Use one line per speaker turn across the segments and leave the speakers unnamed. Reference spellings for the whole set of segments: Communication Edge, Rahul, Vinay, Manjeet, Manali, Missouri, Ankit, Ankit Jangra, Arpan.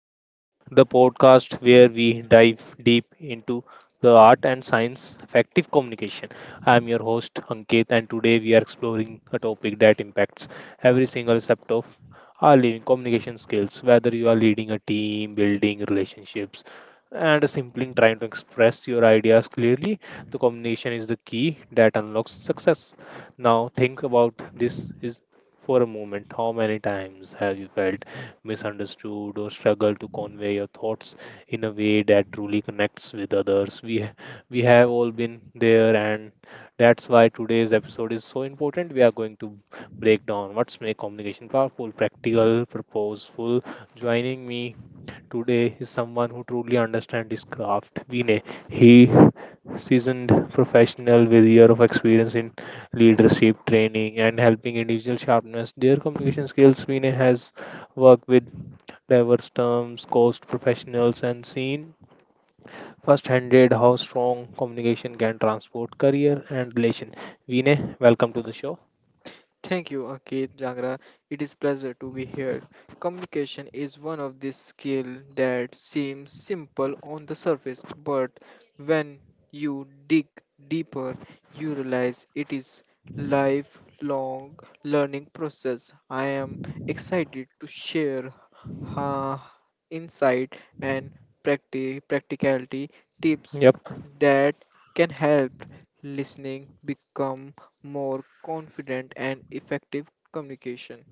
Edge, the podcast where we dive deep into the art and science of effective communication. I am your host Ankit, and today we are exploring a topic that impacts every single aspect of our living communication skills, whether you are leading a team, building relationships, and simply trying to express your ideas clearly. The communication is the key that unlocks success. Now, think about this: is for a moment, how many times have you felt misunderstood or struggled to convey your thoughts in a way that truly connects with others? We have all been there, and that's why today's episode is so important. We are going to break down what's make communication powerful, practical, purposeful. Joining me today is someone who truly understands his craft. Vinay, he seasoned professional with year of experience in leadership training and helping individual sharpness their communication skills. Vinay has worked with diverse terms, coached professionals, and seen firsthand how strong communication can transport career and relation. Vinay, welcome to the show.
Thank you, Ankit Jangra. It is pleasure to be here. Communication is one of these skills that seems simple on the surface, but when you dig deeper, you realize it is lifelong learning process. I am excited to share uh, insight and practicality tips
Yep.
that can help listening become more confident and effective communication.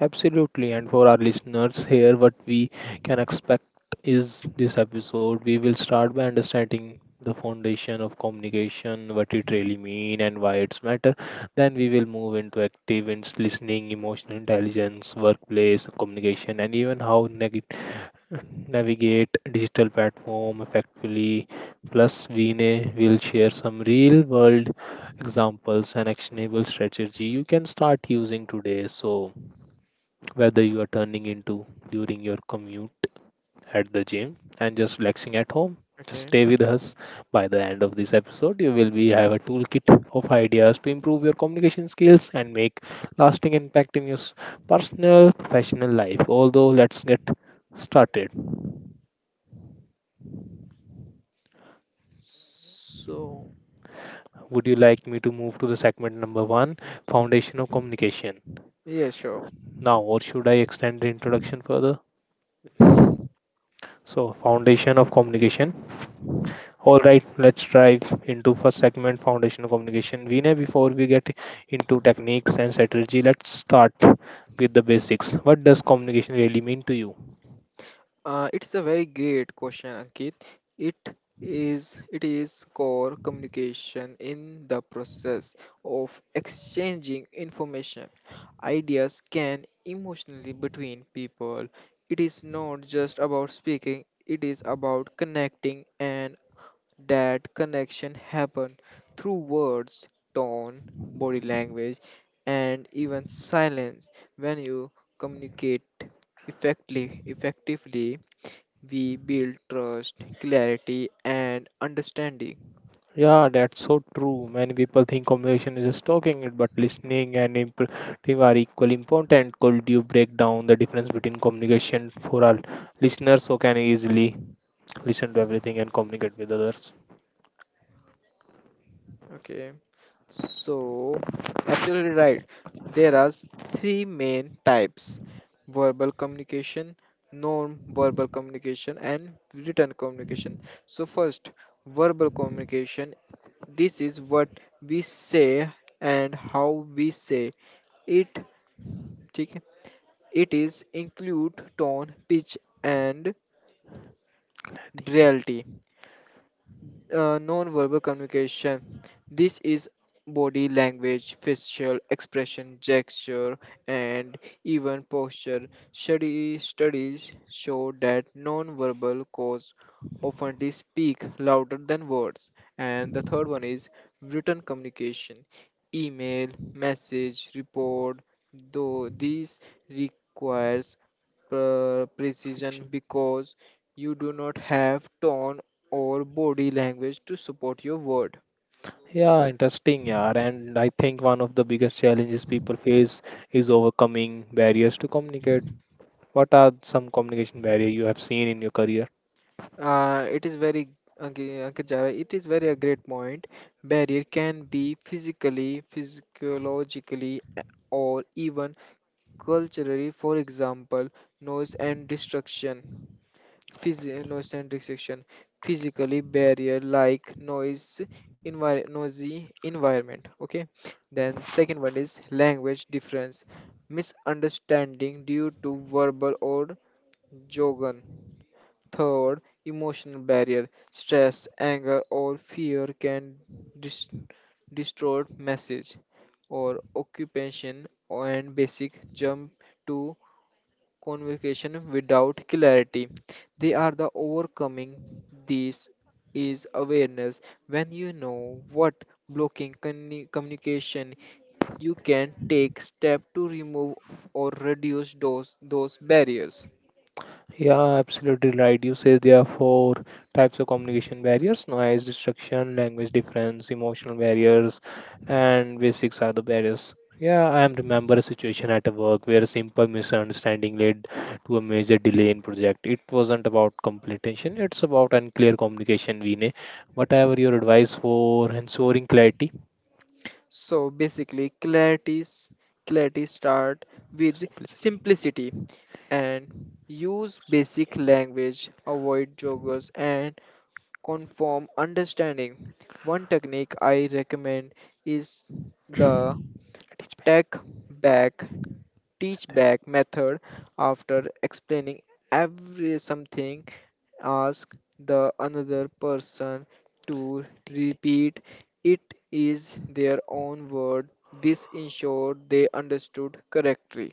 Absolutely. And for our listeners here, what we can expect is this episode. We will start by understanding the foundation of communication, what it really mean and why it's matter. Then we will move into active and listening, emotional intelligence, workplace communication, and even how navigate digital platform effectively. Plus, Vinay will share some real world examples and actionable strategy you can start using today. So whether you are turning into during your commute at the gym and just relaxing at home. Just
Okay,
stay with us. By the end of this episode, you will be have a toolkit of ideas to improve your communication skills and make lasting impact in your personal professional life. Although, let's get started.
so
Would you like me to move to the segment number one, foundation of communication?
yeah, sure.
Now, or should I extend the introduction further? So, foundation of communication. All right, let's dive into first segment foundational communication. Vinay, before we get into techniques and strategy, let's start with the basics. What does communication really mean to you?
It's a very great question, Ankit. It is it is core communication in the process of exchanging information, ideas can emotionally between people. It is not just about speaking, it is about connecting. And that connection happen through words, tone, body language, and even silence. When you communicate effectively, we build trust, clarity, and understanding.
Yeah, that's so true. Many people think communication is just talking it, but listening and imperative are equally important. Could you break down the difference between communication for our listeners who can easily listen to everything and communicate with others?
Okay, so absolutely right. There are three main types: verbal communication, non-verbal communication, and written communication. So first, verbal communication. This is what we say and how we say it. ठीक है? It is include tone, pitch, and
Clarity.
reality. Non-verbal communication. This is body language, facial expression, gesture, and even posture. Studies show that non-verbal cause often speak louder than words. And the third one is written communication, email, message, report. Though these requires
Perfection.
precision because you do not have tone or body language to support your word.
Yeah, interesting, yeah. And I think one of the biggest challenges people face is overcoming barriers to communicate. What are some communication barrier you have seen in your career?
It is very okay, okay, Jara, it is very a great point. Barrier can be physically, physiologically, or even culturally. For example, noise and distraction. Phys- noise and distraction. Physically barrier like noise, noisy environment. Okay. Then second one is language difference, misunderstanding due to verbal or Jogan. Third, emotional barrier. Stress, anger, or fear can dis- distort message or occupation and basic jump to convocation without clarity. They are the overcoming. This is awareness. When you know what blocking communication, you can take step to remove or reduce those barriers.
Yeah, absolutely right. You say there are four types of communication barriers: noise, distraction, language difference, emotional barriers, and basics are the barriers. Yeah, I am remember a situation at a work where a simple misunderstanding led to a major delay in project. It wasn't about completion; it's about unclear communication, Vinay. What are your advice for ensuring clarity,
So basically, clarity start with
simplicity.
simplicity and use basic language, avoid joggers and conform understanding. One technique I recommend is the
It is back.
tech back teach back method. After explaining every something, ask the another person to repeat it is their own word. This ensured they understood correctly.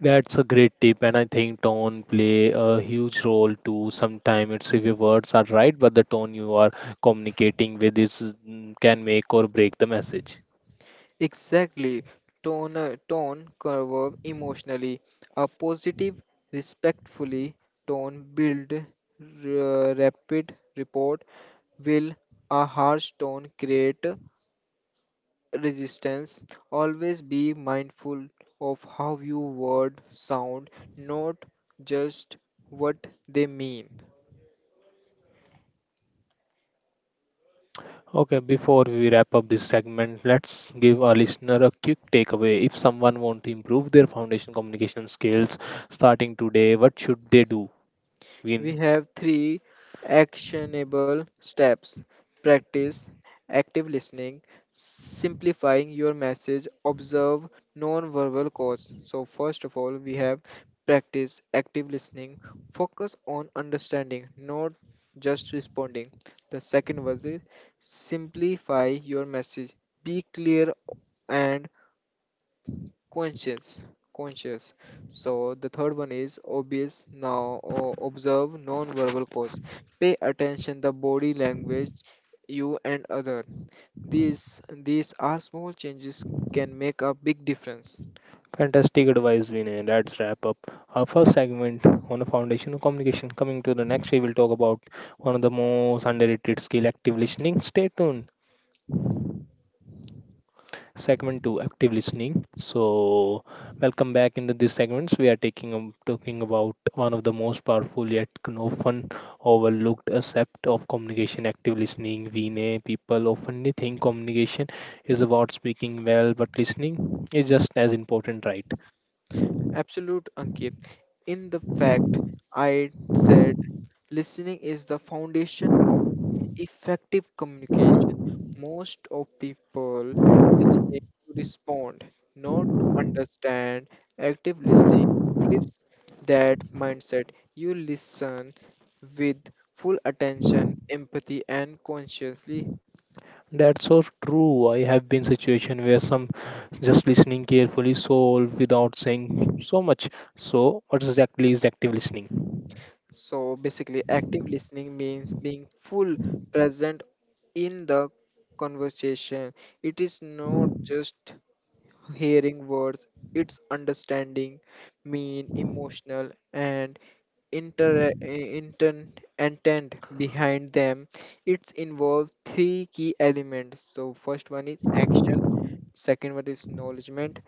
That's a great tip, and I think tone play a huge role too. Sometimes it's if your words are right, but the tone you are communicating with is can make or break the message.
Exactly. Tone, tone curve emotionally. A positive, respectfully tone build rapid report will. A harsh tone create resistance. Always be mindful of how you word sound, not just what they mean.
Okay, before we wrap up this segment, let's give our listener a quick takeaway. If someone wants to improve their foundation communication skills starting today, what should they do? Win.
We have three actionable steps: practice active listening, simplifying your message, observe non-verbal cues. So, first of all, we have practice active listening, focus on understanding, not just responding. The second was is simplify your message, be clear and conscious conscious. So the third one is obvious now. Observe non-verbal cues, pay attention the body language, you and other. These are small changes, can make a big difference.
Fantastic advice, Vinay. Let's wrap up our first segment on the foundation of communication. Coming to the next, we will talk about one of the most underrated skill, active listening. Stay tuned. Segment two, active listening. So, welcome back into these segments. We are taking talking about one of the most powerful yet often overlooked aspect of communication, active listening. Vinay, people often think communication is about speaking well, but listening is just as important, right?
Absolute, Ankit. In the fact, I said listening is the foundation effective communication. Most of people listening to respond, not to understand. Active listening flips that mindset. You listen with full attention, empathy, and consciously.
That's so true. I have been situation where some just listening carefully solve without saying so much. So what exactly is active listening?
So basically, active listening means being full present in the conversation. It is not just hearing words, it's understanding mean, emotional, and inter intent intent behind them. It's involved three key elements. So first one is action, second one is acknowledgement,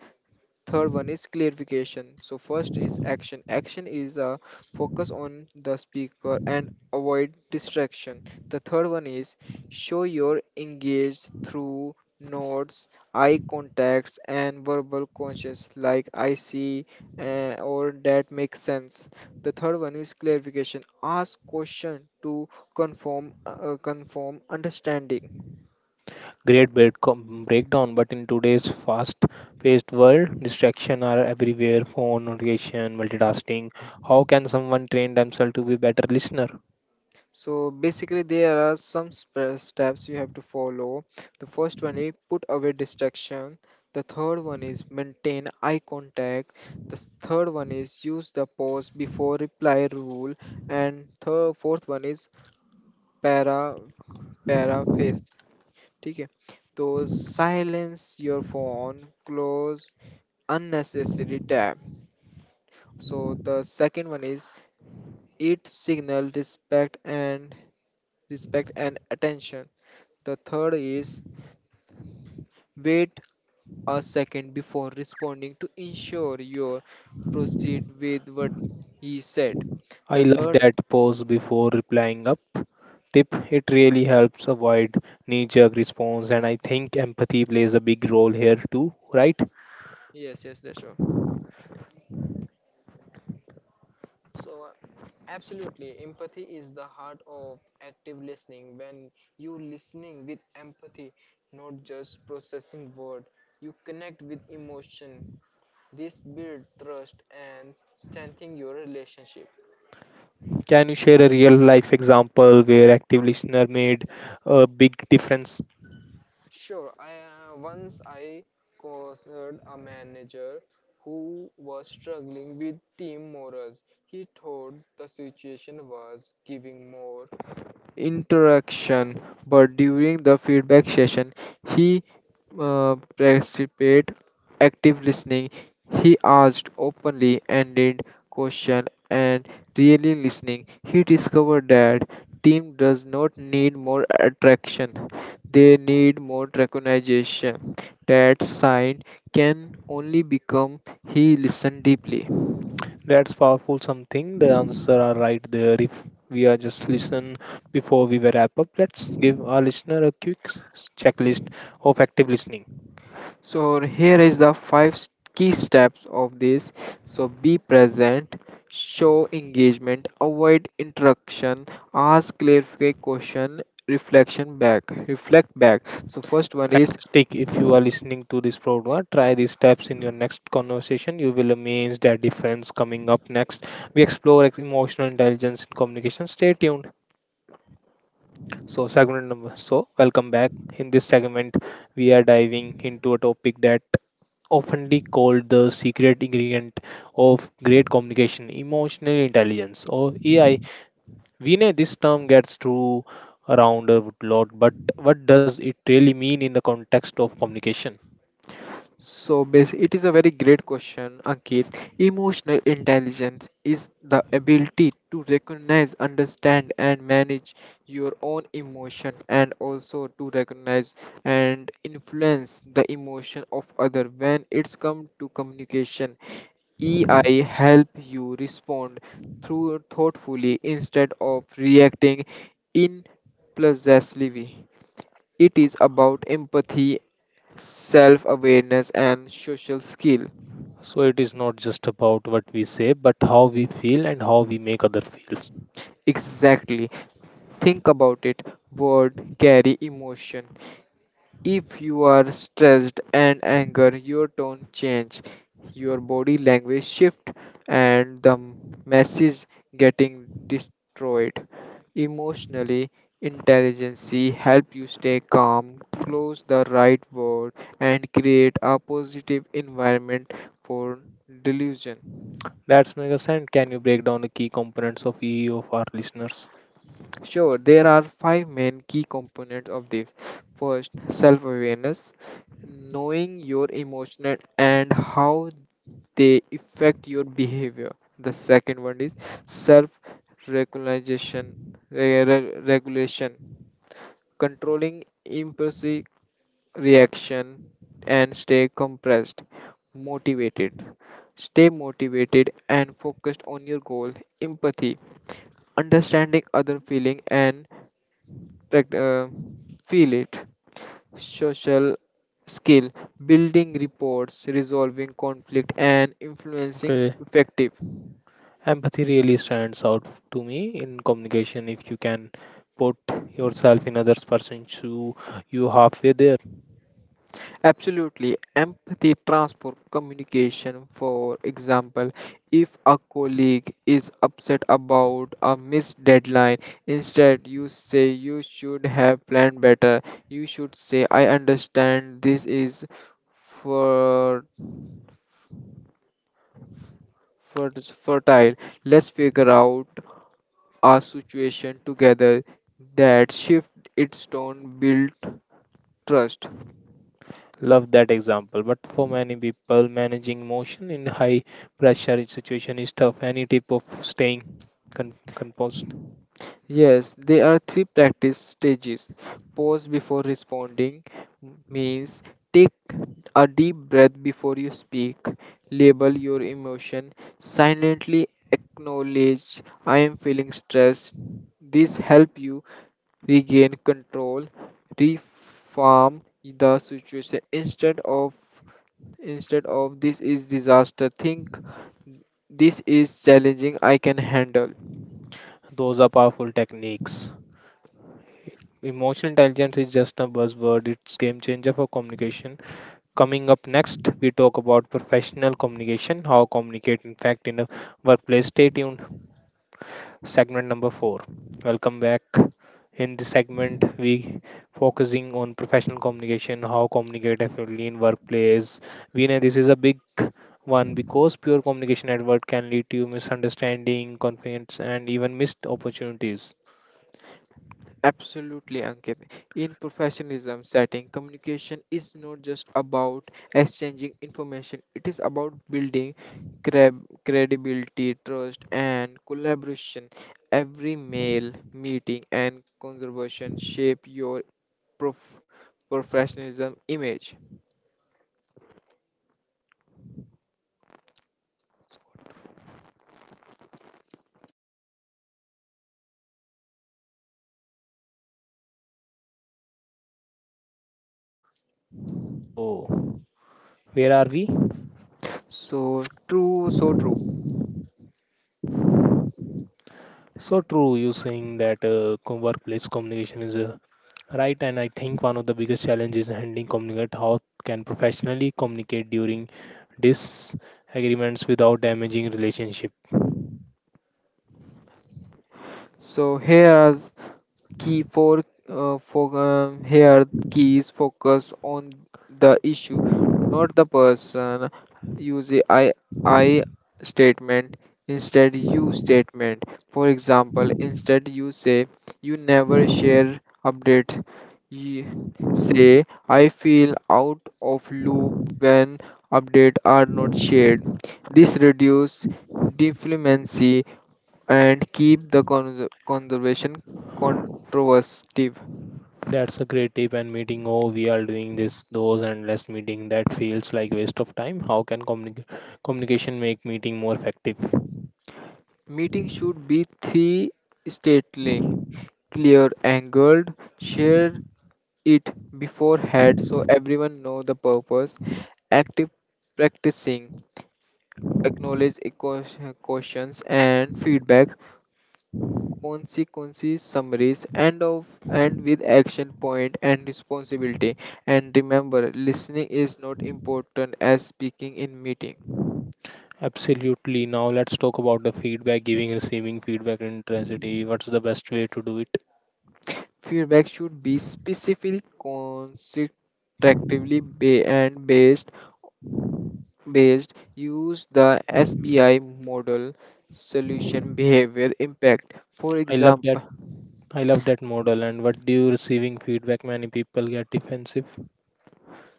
third one is clarification. So first is action. Action is a focus on the speaker and avoid distraction. The third one is show your engaged through nods, eye contacts, and verbal conscience like I see, or that makes sense. The third one is clarification, ask question to confirm understanding.
Great breakdown, but in today's fast-paced world, distraction are everywhere. Phone notification, multitasking. How can someone train themselves to be better listener?
So basically, there are some steps you have to follow. The first one is put away distraction. The third one is maintain eye contact. The third one is use the pause before reply rule. And third, fourth one is para paraphrase. ठीक है, तो silence your phone, close unnecessary tab. So the second one is eat signal respect and respect and attention. The third is wait a second before responding to ensure you proceed with what he said.
I
The
love
third,
that pause before replying up tip it really helps avoid knee jerk response and I think empathy plays a big role here too right
yes, yes, that's sure. So, absolutely, empathy is the heart of active listening. When you listening with empathy, not just processing word, you connect with emotion. This build trust and strengthen your relationship.
Can you share a real life example where active listener made a big difference?
Sure, I once I counseled a manager who was struggling with team morals. He thought the situation was giving more interaction, but during the feedback session, he participated active listening. He asked openly ended question and really listening. He discovered that team does not need more attraction; they need more recognition. That sign can only become he listened deeply.
That's powerful something. The answer are right there. If we are just listen before we wrap up, let's give our listener a quick checklist of active listening.
So here is the five key steps of this. So be present, show engagement, avoid interruption, ask clarify question, reflect back. So first one is:
Fantastic. If you are listening to this program, try these steps in your next conversation. You will amaze that difference coming up next. We explore emotional intelligence in communication. Stay tuned. So, welcome back. In this segment, we are diving into a topic that oftenly called the secret ingredient of great communication emotional intelligence or AI. We know this term gets through around a lot, but what does it really mean in the context of communication?
so it is a very great question, Ankit. Emotional intelligence is the ability to recognize, understand, and manage your own emotion, and also to recognize and influence the emotion of other. When it's come to communication, EI help you respond through thoughtfully instead of reacting impulsively. It is about empathy, self awareness, and social skill.
So it is not just about what we say, but how we feel and how we make other feels.
Exactly, think about it. Word carry emotion. If you are stressed and anger, your tone change, your body language shift, and the message getting destroyed. Emotionally intelligence help you stay calm, close the right word, and create a positive environment for delusion.
That's make sense. Can you break down the key components of EE for our listeners?
Sure, there are five main key components of this. First, self awareness, knowing your emotions and how they affect your behavior. The second one is self regulation, controlling impulsive reaction and stay compressed, motivated. Stay motivated and focused on your goal. Empathy, understanding other feeling and prac- uh, feel it. Social skill, building reports, resolving conflict, and influencing
Okay.
effective.
Empathy really stands out to me in communication. If you can put yourself in others' person, shoe, you halfway there.
Absolutely, empathy transfer communication. For example, if a colleague is upset about a missed deadline, instead you say you should have planned better, you should say I understand this is for, for fertile, let's figure out a situation together. That shift its tone, build trust.
Love that example. But for many people, managing emotion in high pressure situation is tough. Any tip of staying composed?
Yes, there are three practice stages: pause before responding, means take a deep breath before you speak. Label your emotion silently, acknowledge I am feeling stressed. This help you regain control. Reform the situation, instead of this is disaster, think this is challenging, I can handle.
Those are powerful techniques. Emotional intelligence is just a buzzword. It's game changer for communication. Coming up next, we talk about professional communication, how communicate in fact in a workplace. Stay tuned. Segment number 4. Welcome back. In this segment we focusing on professional communication, how communicate effectively in workplace. We know this is a big one because pure communication at work can lead to misunderstanding, conflicts and even missed opportunities.
Absolutely, Ankit. In professionalism setting, communication is not just about exchanging information, it is about building credibility, trust, and collaboration. Every mail, meeting, and conversation shape your prof- professionalism image.
So where are we?
So true, so true.
So true, you saying that workplace communication is a Right, and I think one of the biggest challenges is handling communicate how can professionally communicate during disagreements without damaging relationship.
So here are key for here keys: focus on the issue, not the person. Use a I statement instead you statement. For example, instead you say you never share updates. You say I feel out of loop when updates are not shared. This reduces dependency and keep the conservation controversive.
That's a great tip and meeting oh we are doing this those and less meeting that feels like waste of time. How can communication make meeting more effective?
Meetings should be three stately, clear, angled. Share it beforehand so everyone know the purpose. Active practicing, acknowledge a questions and feedback. Consequences summaries and of and with action point and responsibility. And remember, listening is not important as speaking in meeting.
Absolutely. Now let's talk about the feedback giving receiving feedback intensity. What's the best way to do it?
Feedback should be specific, constructively and based. Based, use the SBI model, solution behavior impact. For
I love
example,
that. I love that model. And what do you receiving feedback many people get defensive.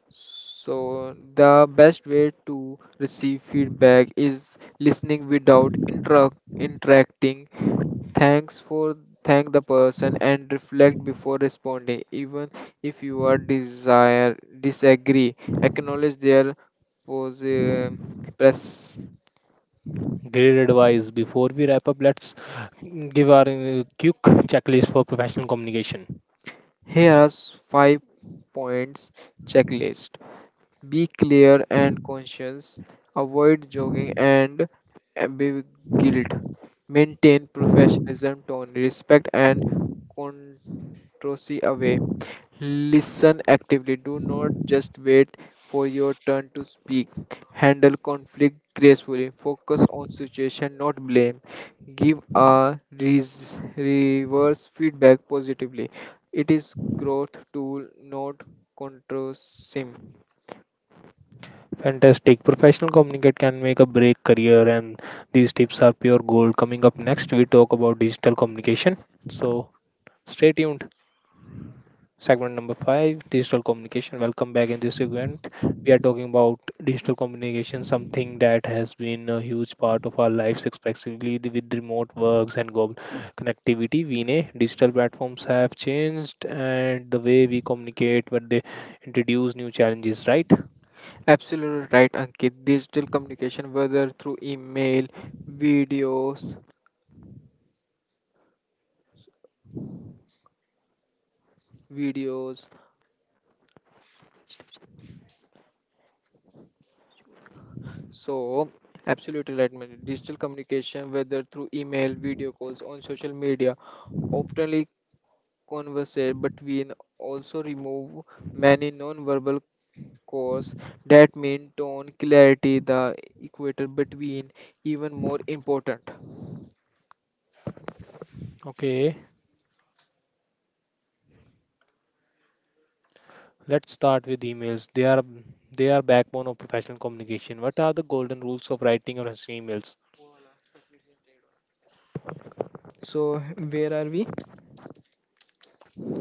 so the best way to receive feedback is listening without interacting. Thanks for thank the person and reflect before responding. Even if you are desire disagree, acknowledge their pose, press.
Great advice. Before we wrap up, let's give our quick checklist for professional communication.
Here are five points checklist. Be clear and conscious. Avoid jogging and be guilt. Maintain professionalism, tone, respect, and controversy away. Listen actively. Do not just wait for your turn to speak. Handle conflict gracefully. Focus on situation, not blame. Give a reverse feedback positively. It is growth tool, not controsim.
Fantastic. Professional communicate can make a break career, and these tips are pure gold. Coming up next, we talk about digital communication. So stay tuned. Segment number five digital communication. Welcome back in this segment. We are talking about digital communication, something that has been a huge part of our lives, especially with remote works and global connectivity. We know digital platforms have changed and the way we communicate, but they introduce new challenges, right?
Absolutely right, Ankit. Digital communication, whether through email, videos, videos, so absolutely right, Manjeet. Digital communication, whether through email, video calls, on social media, oftenly conversate, but we also remove many non-verbal cues that mean tone, clarity, the equator between, even more important.
Okay, let's start with emails. They are backbone of professional communication. What are the golden rules of writing or answering emails?
So, where are we?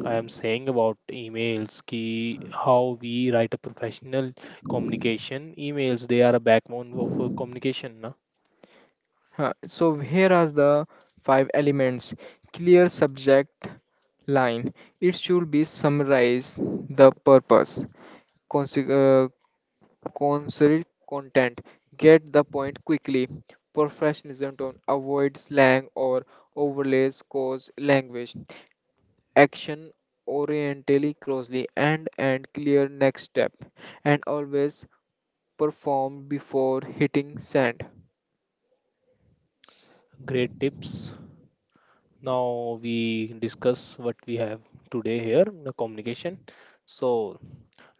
I am saying about emails, ki how we write a professional communication. Emails, they are a backbone of a communication. Na?
Huh, so here are the five elements: clear subject line. It should be summarized the purpose. Conse- Concrete content. Get the point quickly. Professionalism, don't avoid slang or overlays cause language. Action orientally closely and clear next step, and always perform before hitting send.
Great tips. Now we discuss what we have today here, the communication. So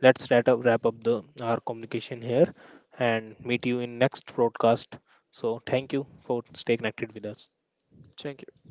let's wrap up the our communication here, and meet you in next broadcast. So thank you for stay connected with us.
Thank you.